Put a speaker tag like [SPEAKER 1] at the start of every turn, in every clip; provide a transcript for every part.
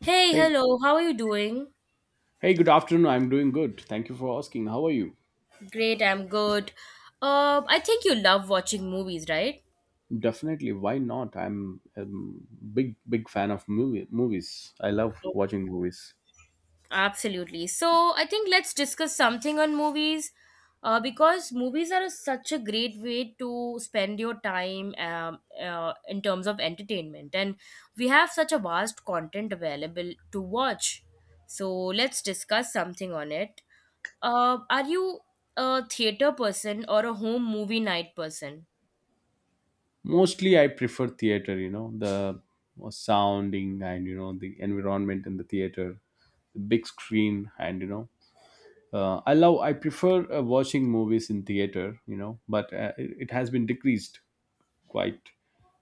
[SPEAKER 1] Hey,
[SPEAKER 2] Hey,
[SPEAKER 1] hello, how are you doing?
[SPEAKER 2] hey, good afternoon. I'm doing good. Thank you for asking. How are you?
[SPEAKER 1] Great, I'm good. I think you love watching movies, right?
[SPEAKER 2] Definitely. Why not? I'm a big, big fan of movies. I love watching movies.
[SPEAKER 1] Absolutely. So, I think let's discuss something on movies because movies are such a great way to spend your time in terms of entertainment, and we have such a vast content available to watch. So, let's discuss something on it. Are you a theater person or a home movie night person?
[SPEAKER 2] Mostly, I prefer theater, you know, the sounding and, you know, the environment in the theater, the big screen, and, you know, I prefer watching movies in theater, you know, but it has been decreased quite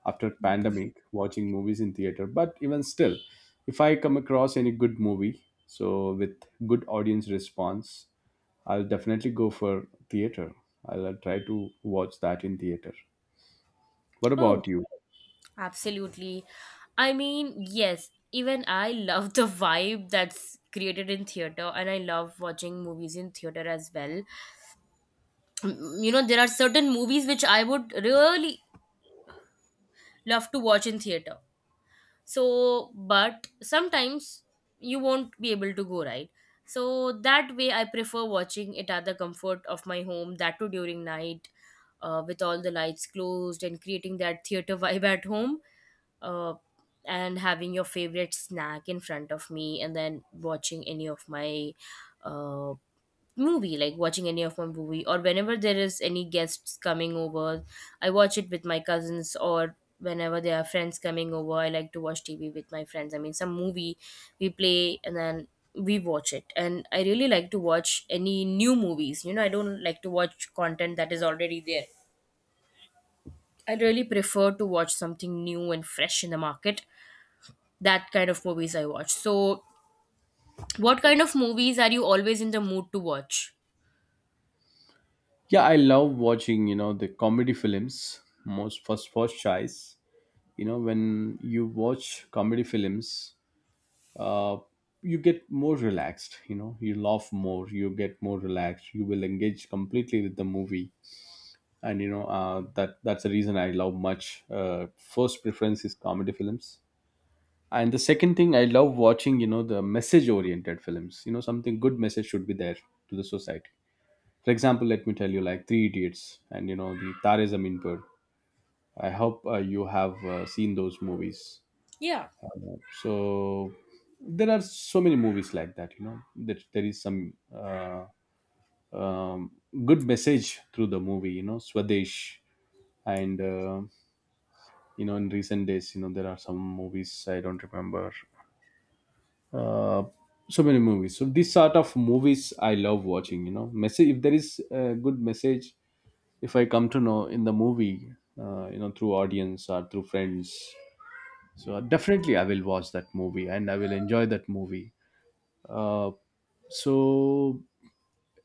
[SPEAKER 2] after pandemic. Watching movies in theater, but even still, if I come across any good movie, so with good audience response, I'll definitely go for theater. I'll try to watch that in theater. What about you?
[SPEAKER 1] Absolutely. I mean, yes, even I love the vibe that's created in theater and I love watching movies in theater as well. Mm, you know, there are certain movies which I would really love to watch in theater. So, but sometimes you won't be able to go, right? So that way I prefer watching it at the comfort of my home, that too during night, with all the lights closed and creating that theater vibe at home uh, and having your favorite snack in front of me and then watching any of my uh, movie, like watching any of my movie, or whenever there is any guests coming over, I watch it with my cousins, or whenever there are friends coming over, I like to watch TV with my friends, I mean some movie we play and then we watch it. And I really like to watch any new movies, you know, I don't like to watch content that is already there. I really prefer to watch something new and fresh in the market. That kind of movies I watch. So, what kind of movies are you always in the mood to watch?
[SPEAKER 2] Yeah, I love watching, you know, the comedy films most. First choice. You know, when you watch comedy films, uh you get more relaxed, you know, you laugh more, you get more relaxed, you will engage completely with the movie. And you know, that's the reason I love much. First preference is comedy films. And the second thing, I love watching, you know, the message oriented films. You know, something, good message should be there to the society. For example, let me tell you, like Three Idiots and, you know, the Tare Zameen Par. I hope you have seen those movies.
[SPEAKER 1] Yeah.
[SPEAKER 2] So there are so many movies like that, you know, that there is some uh, um, good message through the movie, you know, Swadesh. And you know, in recent days, you know, there are some movies I don't remember. uh, so many movies, so this sort of movies I love watching, you know, message, if there is a good message, if I come to know in the movie, you know, through audience or through friends, so definitely I will watch that movie and I will enjoy that movie. uh, so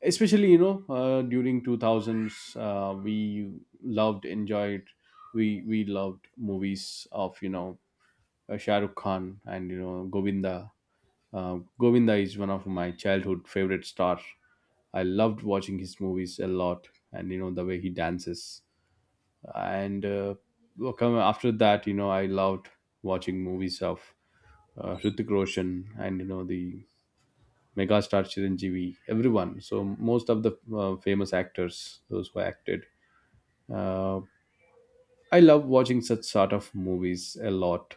[SPEAKER 2] especially, you know, during 2000s, we loved, enjoyed, we loved movies of, you know, Shah Rukh Khan and, you know, Govinda. Govinda is one of my childhood favorite stars. I loved watching his movies a lot, and you know the way he dances. And well, come after that, you know, I loved watching movies of Hrithik Roshan and, you know, the megastar Chiranjeevi, everyone. So most of the famous actors, those who acted. Uh, I love watching such sort of movies a lot.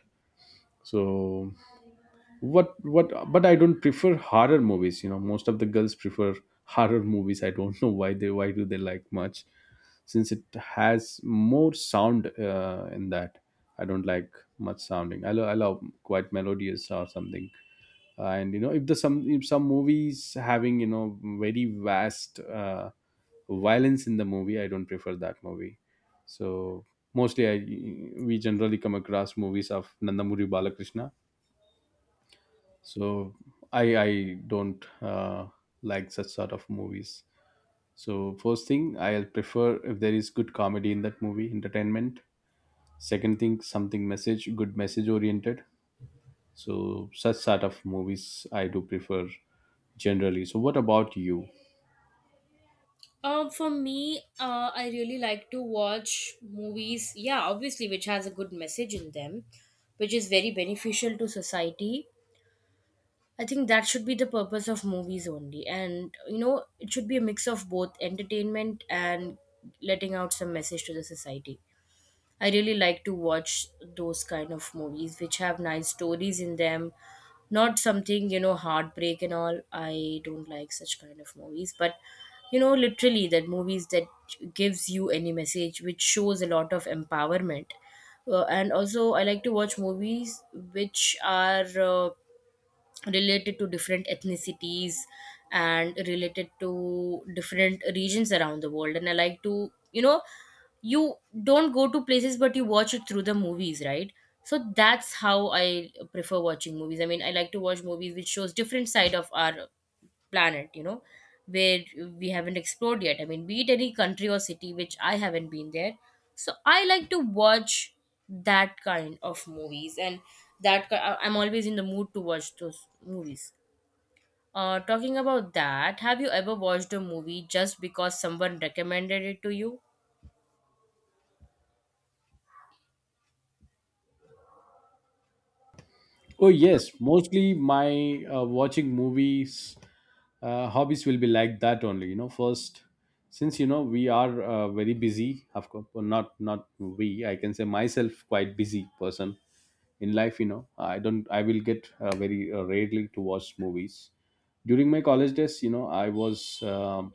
[SPEAKER 2] So what, but I don't prefer horror movies, you know. Most of the girls prefer horror movies. I don't know why they, why do they like much? Since it has more sound in that, I don't like much sounding. I love quite melodious or something. And, you know, if the some if some movies having, you know, very vast violence in the movie, I don't prefer that movie. So mostly I we generally come across movies of Nandamuri Balakrishna. So I don't like such sort of movies. So first thing, I'll prefer, if there is good comedy in that movie, entertainment. Second thing, something message, good message oriented. So such sort of movies I do prefer, generally. So what about you?
[SPEAKER 1] For me, I really like to watch movies. Yeah, obviously, which has a good message in them, which is very beneficial to society. I think that should be the purpose of movies only, and you know, it should be a mix of both entertainment and letting out some message to the society. I really like to watch those kind of movies which have nice stories in them, not something, you know, heartbreak and all. I don't like such kind of movies, but you know, literally that movies that gives you any message which shows a lot of empowerment. And also I like to watch movies which are related to different ethnicities and related to different regions around the world. And I like to, you know, you don't go to places but you watch it through the movies, right? So that's how I prefer watching movies. I mean, I like to watch movies which shows different side of our planet, you know, where we haven't explored yet. I mean, be it any country or city which I haven't been there. So I like to watch that kind of movies. And I'm always in the mood to watch those movies. Talking about that, have you ever watched a movie just because someone recommended it to you?
[SPEAKER 2] Oh yes, mostly my watching movies hobbies will be like that only, you know, first, since, you know, we are very busy, of course. Well, not we, I can say myself, quite busy person in life. You know, I don't I will get very rarely to watch movies. During my college days, you know, I was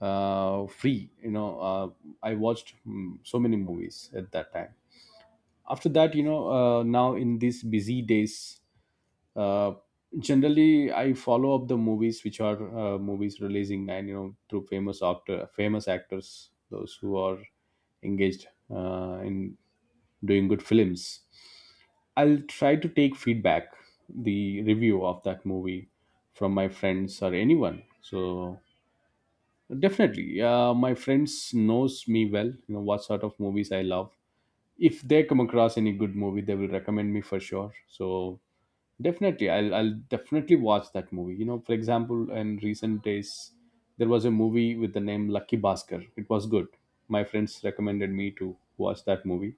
[SPEAKER 2] free, you know. I watched so many movies at that time. After that, you know, now in these busy days, uh, generally I follow up the movies which are movies releasing. And, you know, through famous actors, those who are engaged in doing good films, I'll try to take feedback, the review of that movie, from my friends or anyone. So definitely, my friends knows me well, you know, what sort of movies I love. If they come across any good movie, they will recommend me for sure. So definitely, I'll definitely watch that movie. You know, for example, in recent days, there was a movie with the name Lucky Bhaskar. It was good. My friends recommended me to watch that movie.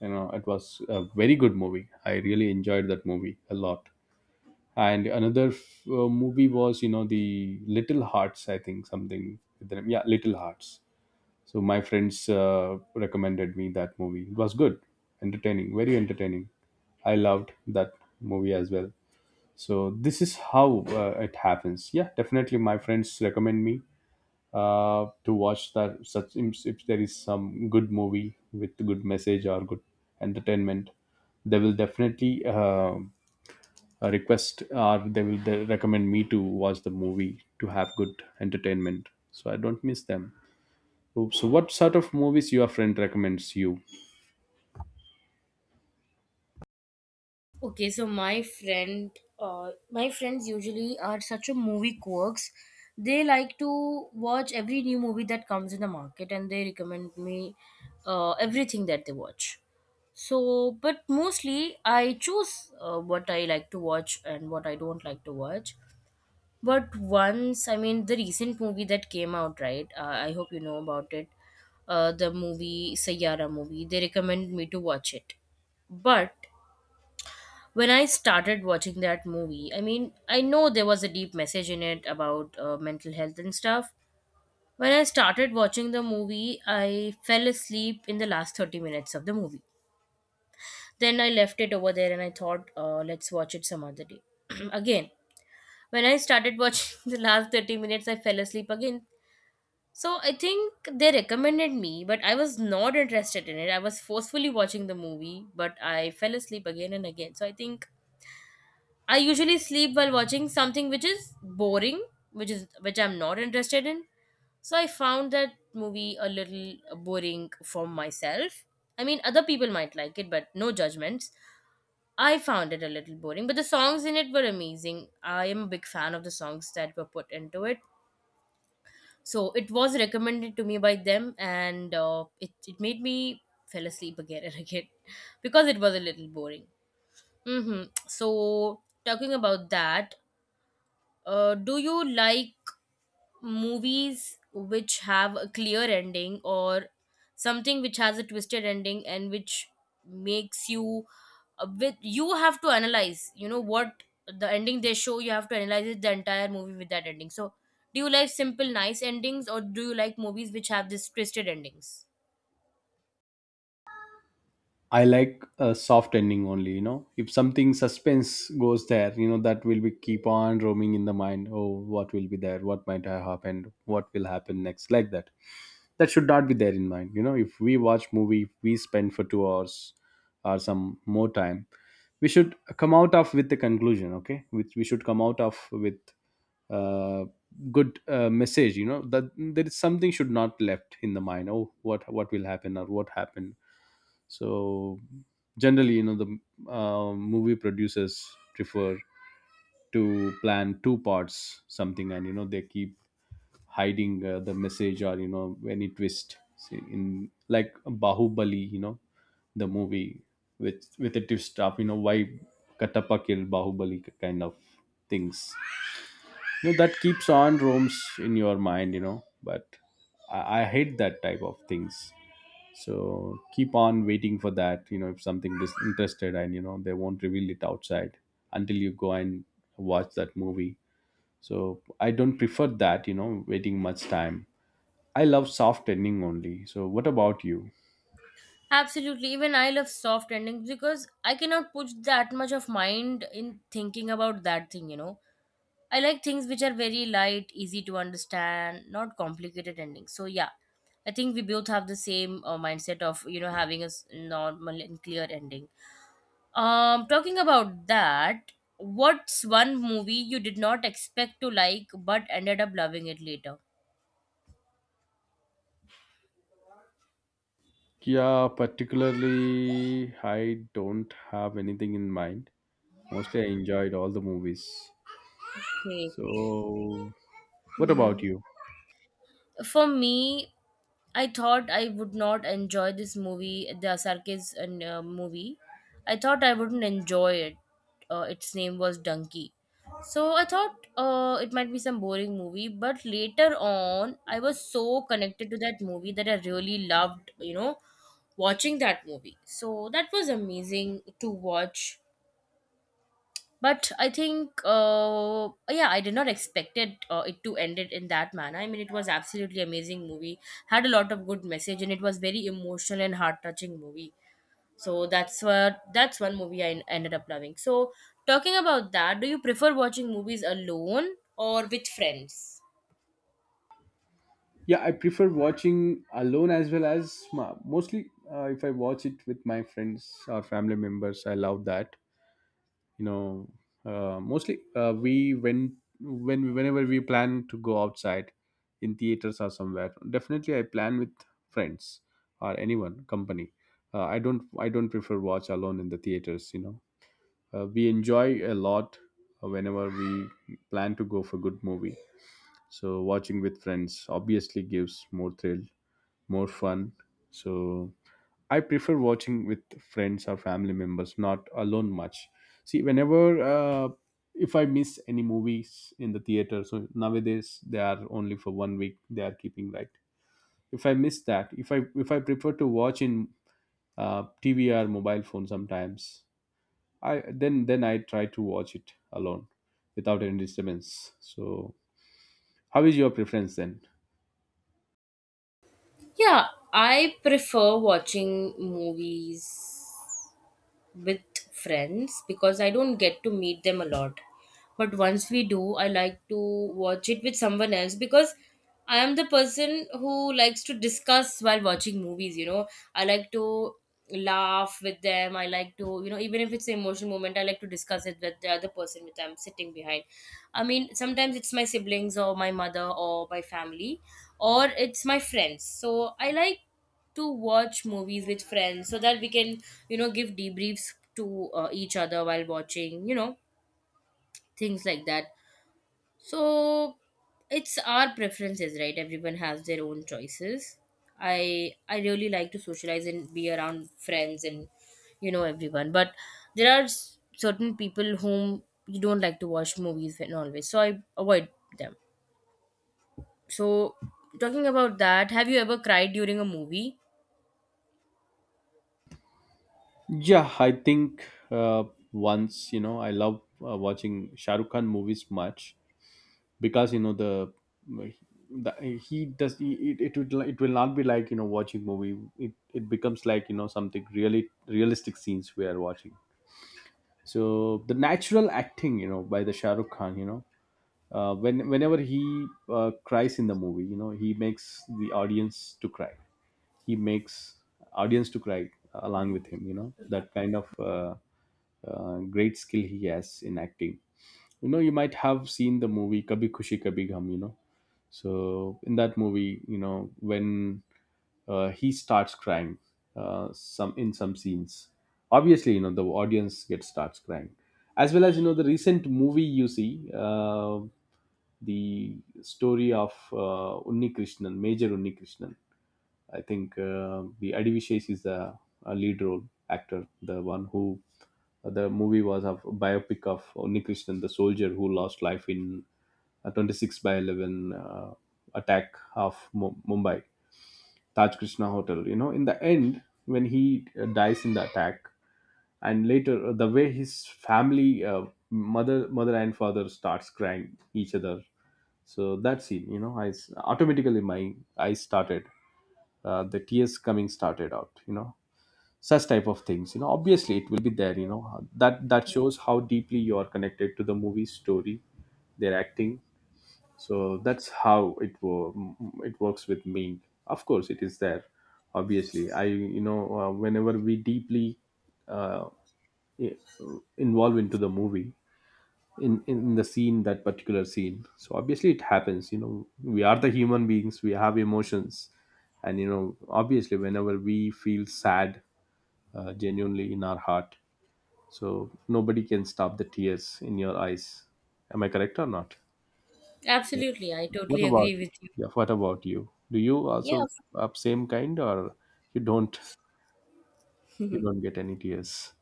[SPEAKER 2] You know, it was a very good movie. I really enjoyed that movie a lot. And another movie was, you know, the Little Hearts. I think something with the name. Yeah, Little Hearts. So my friends recommended me that movie. It was good, entertaining, very entertaining. I loved that movie as well. So this is how it happens. Yeah, definitely my friends recommend me to watch that such, if there is some good movie with good message or good entertainment, they will definitely request, or they will recommend me to watch the movie to have good entertainment. So I don't miss them. So what sort of movies your friend recommends you?
[SPEAKER 1] Okay, so my friend, my friends usually are such a movie quirks. They like to watch every new movie that comes in the market, and they recommend me everything that they watch. So, but mostly I choose what I like to watch and what I don't like to watch. But once, I mean, the recent movie that came out, right? I hope you know about it. The movie Sayara movie. They recommend me to watch it, but when I started watching that movie, I mean, I know there was a deep message in it about mental health and stuff. When I started watching the movie, I fell asleep in the last 30 minutes of the movie. Then I left it over there and I thought, let's watch it some other day. Again, when I started watching the last 30 minutes, I fell asleep again. So I think they recommended me, but I was not interested in it. I was forcefully watching the movie, but I fell asleep again and again. So I think I usually sleep while watching something which is boring, which I'm not interested in. So I found that movie a little boring for myself. I mean, other people might like it, but no judgments. I found it a little boring, but the songs in it were amazing. I am a big fan of the songs that were put into it. So it was recommended to me by them, and it made me fell asleep again and again because it was a little boring. Mm-hmm. So talking about that, do you like movies which have a clear ending, or something which has a twisted ending and which makes you, with you have to analyze, you know, what the ending they show, you have to analyze it, the entire movie with that ending. So do you like simple nice endings, or do you like movies which have this twisted endings?
[SPEAKER 2] I like a soft ending only, you know. If something suspense goes there, you know, that will be keep on roaming in the mind. Oh, what will be there? What might have happened? What will happen next? Like that. That should not be there in mind. You know, if we watch movie, if we spend for 2 hours or some more time, we should come out of with the conclusion, okay? Which we should come out of with uh, good message, you know, that there is something should not left in the mind. Oh, what will happen or what happened? So generally, you know, the movie producers prefer to plan two parts something. And, you know, they keep hiding the message or, you know, any twist. See, in like Bahubali, you know, the movie with a twist of, you know, why Katappa killed Bahubali kind of things, you know, that keeps on roams in your mind, you know. But I hate that type of things. So keep on waiting for that, you know, if something is interested and, you know, they won't reveal it outside until you go and watch that movie. So I don't prefer that, you know, waiting much time. I love soft ending only. So what about you?
[SPEAKER 1] Absolutely. Even I love soft endings because I cannot put that much of mind in thinking about that thing, you know. I like things which are very light, easy to understand, not complicated endings. So yeah, I think we both have the same mindset of, you know, having a normal and clear ending. Talking about that, what's one movie you did not expect to like but ended up loving it later?
[SPEAKER 2] Yeah, particularly I don't have anything in mind. Mostly I enjoyed all the movies.
[SPEAKER 1] Okay.
[SPEAKER 2] So what about you?
[SPEAKER 1] For me, I thought I would not enjoy this movie, the circus and movie, I thought I wouldn't enjoy it. Its name was donkey. So I thought it might be some boring movie, but later on I was so connected to that movie that I really loved, you know, watching that movie. So that was amazing to watch. But I think, yeah, I did not expect it, it to end it in that manner. I mean, it was absolutely amazing movie, had a lot of good message, and it was very emotional and heart touching movie. So that's what, that's one movie I ended up loving. So talking about that, do you prefer watching movies alone or with friends?
[SPEAKER 2] Yeah, I prefer watching alone as well as mostly, if I watch it with my friends or family members. I love that. You know, mostly we, whenever we plan to go outside in theaters or somewhere, definitely I plan with friends or anyone company. I don't prefer watch alone in the theaters. You know, we enjoy a lot whenever we plan to go for good movie. So watching with friends obviously gives more thrill, more fun. So I prefer watching with friends or family members, not alone much. See, whenever if I miss any movies in the theater, so nowadays they are only for one week. They are keeping, right. If I miss that, if I prefer to watch in TV or mobile phone sometimes, I then I try to watch it alone without any disturbance. So, how is your preference then?
[SPEAKER 1] Yeah, I prefer watching movies with friends because I don't get to meet them a lot. But once we do, I like to watch it with someone else because I am the person who likes to discuss while watching movies, you know. I like to laugh with them. I like to, you know, even if it's an emotional moment, I like to discuss it with the other person which I'm sitting behind. I mean, sometimes it's my siblings or my mother or my family or it's my friends. So I like to watch movies with friends so that we can, you know, give debriefs to each other while watching, you know, things like that. So it's our preferences, right? Everyone has their own choices. I really like to socialize and be around friends and, you know, everyone. But there are certain people whom you don't like to watch movies with and always, so I avoid them. So talking about that, have you ever cried during a movie?
[SPEAKER 2] Yeah, I think uh, once, you know, I love watching Shah Rukh Khan movies much, because, you know, the he does he, it would it will not be like, you know, watching movie. It becomes like, you know, something really realistic scenes we are watching. So the natural acting, you know, by the Shah Rukh Khan, you know, whenever he cries in the movie, you know, he makes the audience to cry, he makes audience to cry along with him, you know, that kind of. Great skill he has in acting. You know, you might have seen the movie Kabhi Khushi Kabhi Gham. You know, so in that movie, you know, when he starts crying, some in some scenes, obviously, you know, the audience gets starts crying, as well as, you know, the recent movie you see, the story of Unni Krishnan, Major Unni Krishnan. I think the Adivishesh is the lead role actor, the one who the movie was a biopic of Onni Krishnan, the soldier who lost life in a 26 by 11 attack of Mumbai, Taj Krishna Hotel. You know, in the end, when he dies in the attack, and later the way his family, mother and father starts crying each other. So that scene, automatically my eyes started the tears coming started out. Such type of things, obviously it will be there, that shows how deeply you are connected to the movie story, their acting. So that's how it wo- mm, It works with me. Of course it is there. Obviously, I you know whenever we deeply uh, i- involve into the movie, in the scene, that particular scene, so obviously it happens. You know, we are the human beings, we have emotions, and you know, obviously, whenever we feel sad, genuinely in our heart, so nobody can stop the tears in your eyes. Am I correct or not?
[SPEAKER 1] Absolutely, I
[SPEAKER 2] What
[SPEAKER 1] totally
[SPEAKER 2] about
[SPEAKER 1] agree
[SPEAKER 2] you?
[SPEAKER 1] with you.
[SPEAKER 2] Yeah, what about you? Do you
[SPEAKER 1] Yeah,
[SPEAKER 2] also have same kind, or you don't, you don't get any tears?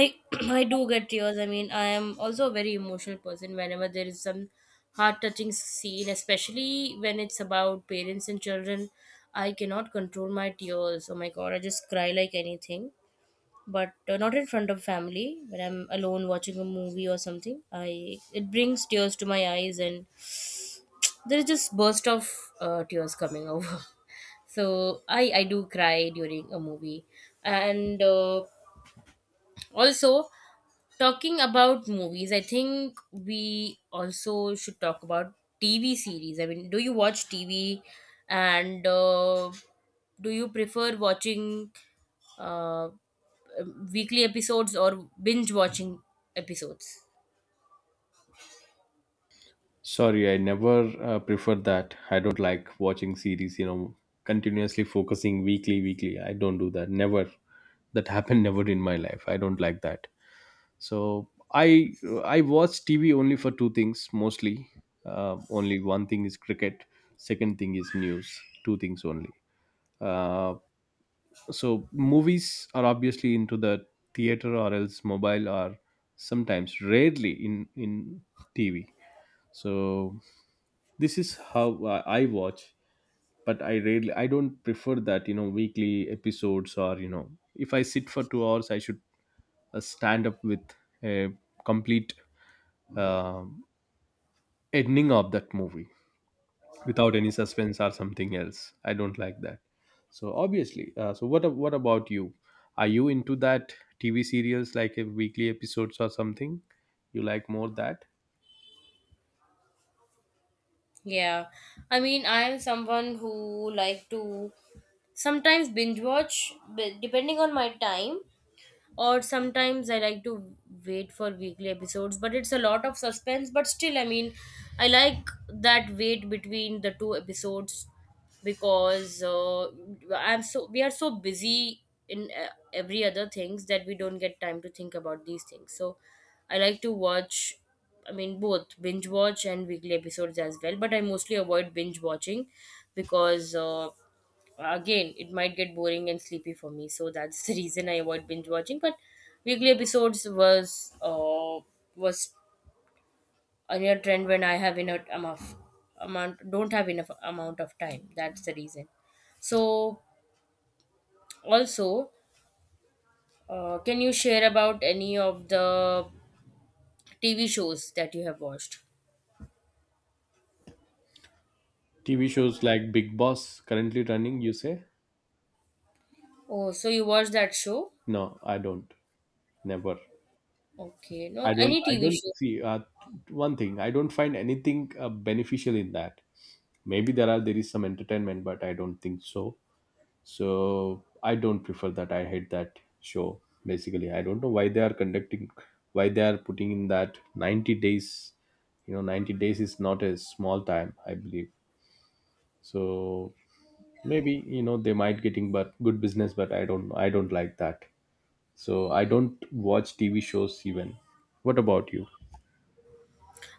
[SPEAKER 1] I I do get tears. I mean, I am also a very emotional person whenever there is some heart-touching scene, especially when it's about parents and children. I cannot control my tears. Oh my God, I just cry like anything. But not in front of family. When I'm alone watching a movie or something, I it brings tears to my eyes, and there is just burst of tears coming over. So I do cry during a movie, and also. Talking about movies, I think we also should talk about TV series. I mean, do you watch TV and do you prefer watching uh, weekly episodes or binge watching episodes?
[SPEAKER 2] Sorry, I never prefer that. I don't like watching series, you know, continuously focusing weekly, weekly. I don't do that. Never. That happened never in my life. I don't like that. So I watch TV only for two things mostly. Only one thing is cricket. Second thing is news. Two things only. Uh, so movies are obviously into the theater or else mobile or sometimes rarely in TV. So this is how I watch. But I rarely, I don't prefer that, you know, weekly episodes, or you know, if I sit for 2 hours, I should stand up with a complete uh, ending of that movie, without any suspense or something else. I don't like that. So obviously, what about you? Are you into that TV serials, like a weekly episodes or something, you like more that?
[SPEAKER 1] Yeah. I mean, I am someone who like to sometimes binge watch but depending on my time, or sometimes I like to wait for weekly episodes. But it's a lot of suspense, but still, I mean, I like that wait between the two episodes because, I'm so we are so busy in every other things that we don't get time to think about these things. So I like to watch, I mean, both binge watch and weekly episodes as well, but I mostly avoid binge watching because, again, it might get boring and sleepy for me. So that's the reason I avoid binge watching. But weekly episodes was was a near trend when I have enough amount amount don't have enough amount of time. That's the reason. So also, can you share about any of the TV shows that you have watched?
[SPEAKER 2] TV shows like Big Boss currently running, you say?
[SPEAKER 1] Oh, so you watched that show?
[SPEAKER 2] No, I don't. Never.
[SPEAKER 1] Okay, no,
[SPEAKER 2] I don't,
[SPEAKER 1] any
[SPEAKER 2] I
[SPEAKER 1] TV
[SPEAKER 2] don't
[SPEAKER 1] show.
[SPEAKER 2] see, one thing, I don't find anything beneficial in that. Maybe there are, there is some entertainment, but I don't think so. So I don't prefer that. I hate that show. Basically, I don't know why they are conducting, why they are putting in that 90 days. You know, 90 days is not a small time, I believe. So maybe, you know, they might getting but good business, but I don't like that. So I don't watch TV shows even. What about you?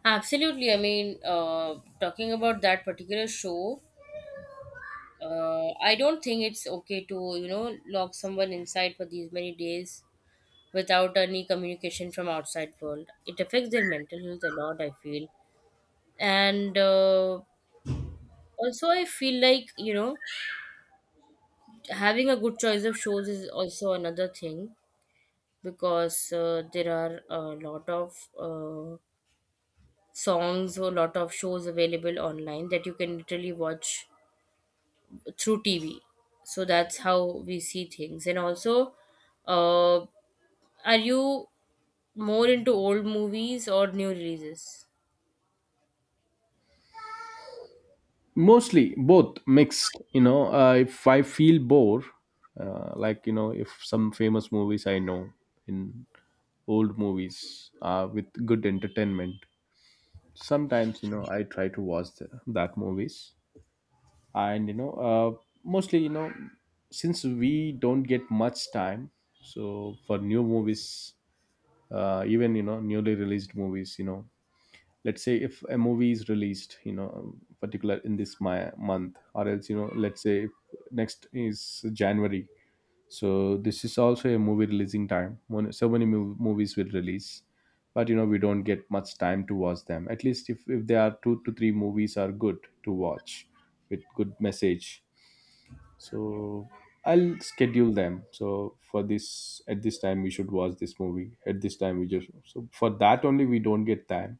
[SPEAKER 1] Absolutely. I mean, talking about that particular show, I don't think it's okay to, you know, lock someone inside for these many days without any communication from outside world. It affects their mental health a lot, I feel. And also I feel like, you know, having a good choice of shows is also another thing because there are a lot of songs or lot of shows available online that you can literally watch through TV. So that's how we see things. Uh, Are you more into old movies or new releases?
[SPEAKER 2] Mostly both mixed, you know. Uh, if I feel bored Like, you know, if some famous movies I know in old movies with good entertainment, sometimes, you know, I try to watch that movies. And you know, mostly, you know, since we don't get much time, so for new movies, even you know, newly released movies, you know, let's say if a movie is released, you know, particular in this my month, or else you know, let's say if next is January. So this is also a movie releasing time, when so many movies will release. But you know, we don't get much time to watch them. At least if there are 2 to 3 movies are good to watch, with good message, so I'll schedule them. So for this, at this time we should watch this movie, at this time we just, so for that only we don't get time.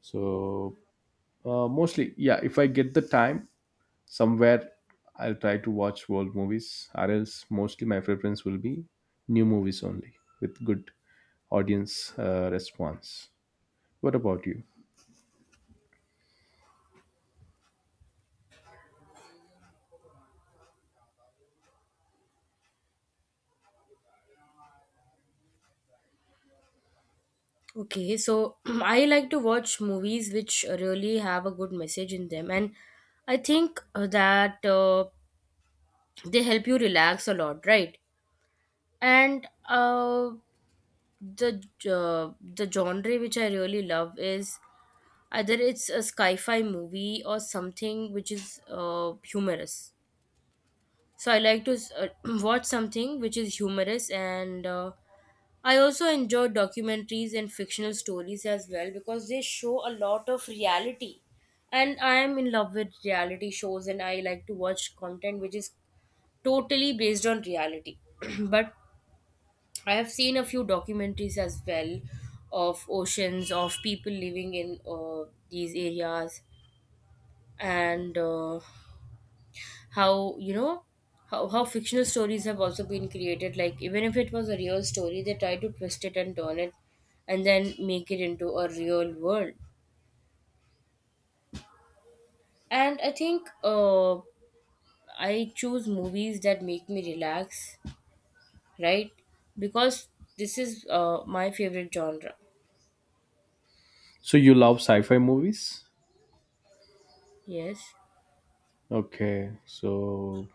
[SPEAKER 2] So mostly, yeah. If I get the time somewhere, I'll try to watch world movies. Or else, mostly my preference will be new movies only, with good audience response. What about you?
[SPEAKER 1] Okay, so I like to watch movies which really have a good message in them, and I think that they help you relax a lot, right? And the the genre which I really love is either it's a sci-fi movie or something which is humorous. So I like to watch something which is humorous, and I also enjoy documentaries and fictional stories as well because they show a lot of reality. And I am in love with reality shows, and I like to watch content which is totally based on reality. But I have seen a few documentaries as well of oceans, of people living in these areas, and how you know how fictional stories have also been created, like even if it was a real story they try to twist it and turn it and then make it into a real world. And I think I choose movies that make me relax, right? Because this is my favorite genre.
[SPEAKER 2] So you love sci-fi movies?
[SPEAKER 1] Yes.
[SPEAKER 2] Okay, so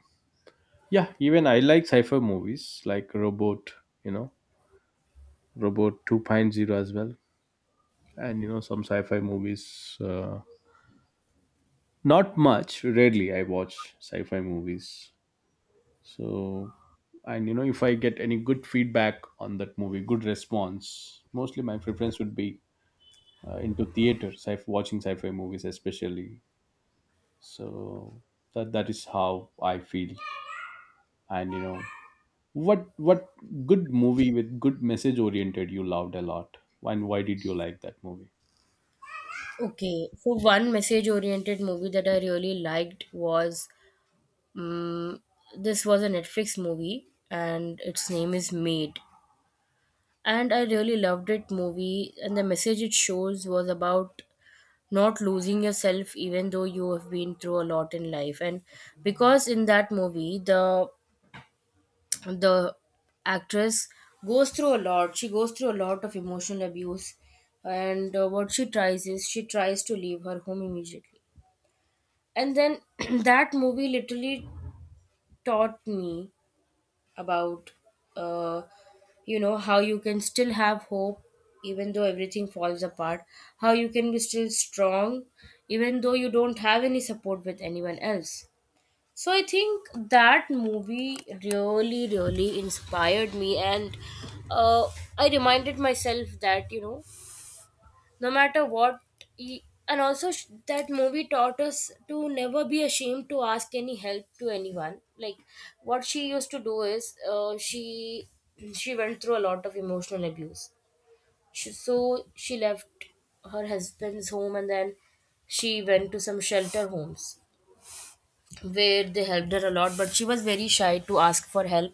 [SPEAKER 2] yeah, even I like sci-fi movies like Robot, you know, Robot 2.0 as well, and you know, some sci-fi movies. Not much, rarely I watch sci-fi movies. So, and you know, if I get any good feedback on that movie, good response, mostly my preference would be into theater, watching sci-fi movies especially. So that is how I feel. And you know, what good movie with good message oriented you loved a lot, and why did you like that movie?
[SPEAKER 1] Okay, so one message oriented movie that I really liked was um, this was a Netflix movie and its name is Made. And I really loved it movie and the message it shows was about not losing yourself even though you have been through a lot in life, and because in that movie the actress goes through a lot. She goes through a lot of emotional abuse, and what she tries is she tries to leave her home immediately, and then that movie literally taught me about uh, you know how you can still have hope even though everything falls apart, how you can be still strong even though you don't have any support with anyone else. So I think that movie really really inspired me, and uh, I reminded myself that you know, no matter what and also that movie taught us to never be ashamed to ask any help to anyone. Like what she used to do is, she went through a lot of emotional abuse. She, so she left her husband's home, and then she went to some shelter homes where they helped her a lot, but she was very shy to ask for help.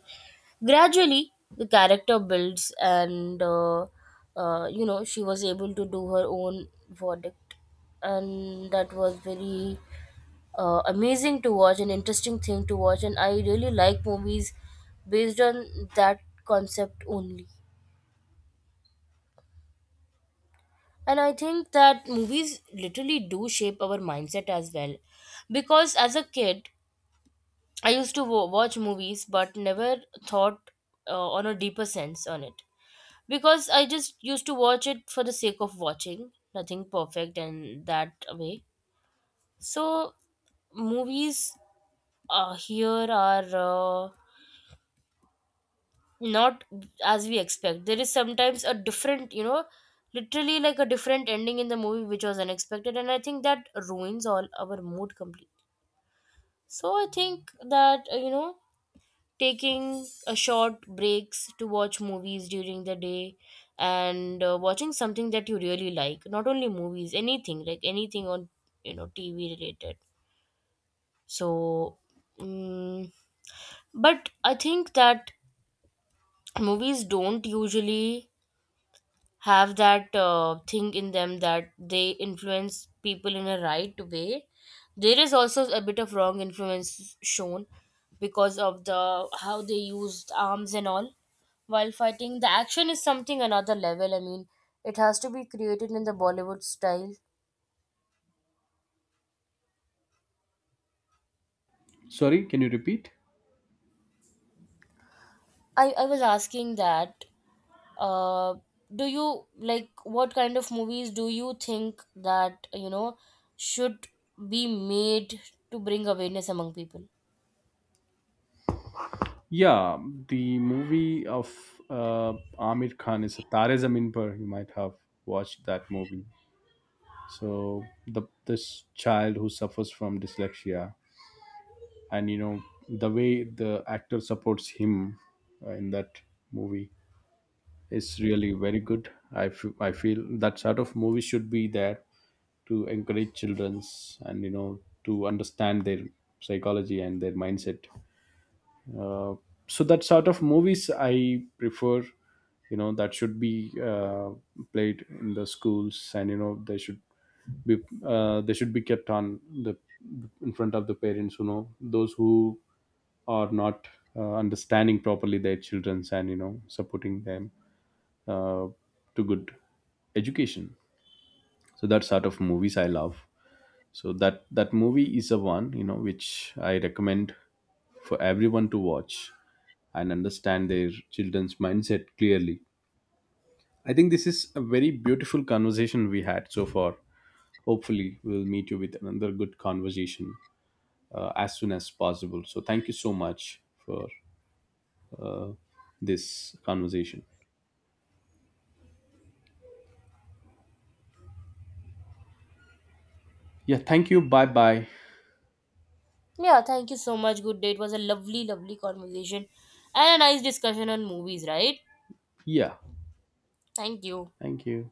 [SPEAKER 1] Gradually, the character builds, and you know, she was able to do her own verdict, and that was very amazing to watch, an interesting thing to watch, and I really like movies based on that concept only. And I think that movies literally do shape our mindset as well. Because as a kid, I used to wa watch movies, but never thought on a deeper sense on it, because I just used to watch it for the sake of watching, nothing perfect and that way. So movies here are not as we expect. There is sometimes a different, you know, literally like a different ending in the movie which was unexpected, and I think that ruins all our mood completely. So I think that you know, taking a short breaks to watch movies during the day, and watching something that you really like, not only movies, anything, like anything on you know tv related. So mm, but I think that movies don't usually have that thing in them that they influence people in a right way. There is also a bit of wrong influence shown because of the how they used arms and all. While fighting, the action is something another level, I mean, it has to be created in the Bollywood style.
[SPEAKER 2] Sorry, can you repeat?
[SPEAKER 1] I was asking that, uh, do you like what kind of movies do you think that you know should be made to bring awareness among people?
[SPEAKER 2] Yeah, the movie of uh, Amir Khan is Tare Zameen Par. You might have watched that movie. So the, this child who suffers from dyslexia, and you know, the way the actor supports him in that movie is really very good. I feel, I feel that sort of movie should be there, to encourage children's and you know, to understand their psychology and their mindset. uh, so that sort of movies I prefer, you know, that should be played in the schools, and you know, be, they should be kept on the, in front of the parents, you know, those who are not understanding properly their children's and you know, supporting them uh, to good education. So that sort of movies I love. So that movie is a one, you know, which I recommend for everyone to watch and understand their children's mindset clearly. I think this is a very beautiful conversation we had so far. Hopefully we'll meet you with another good conversation as soon as possible. So thank you so much for this conversation. Yeah, thank you. Bye bye.
[SPEAKER 1] Yeah, thank you so much. Good day. It was a lovely, lovely conversation and a nice discussion on movies, right?
[SPEAKER 2] Yeah,
[SPEAKER 1] Thank you.
[SPEAKER 2] thank you.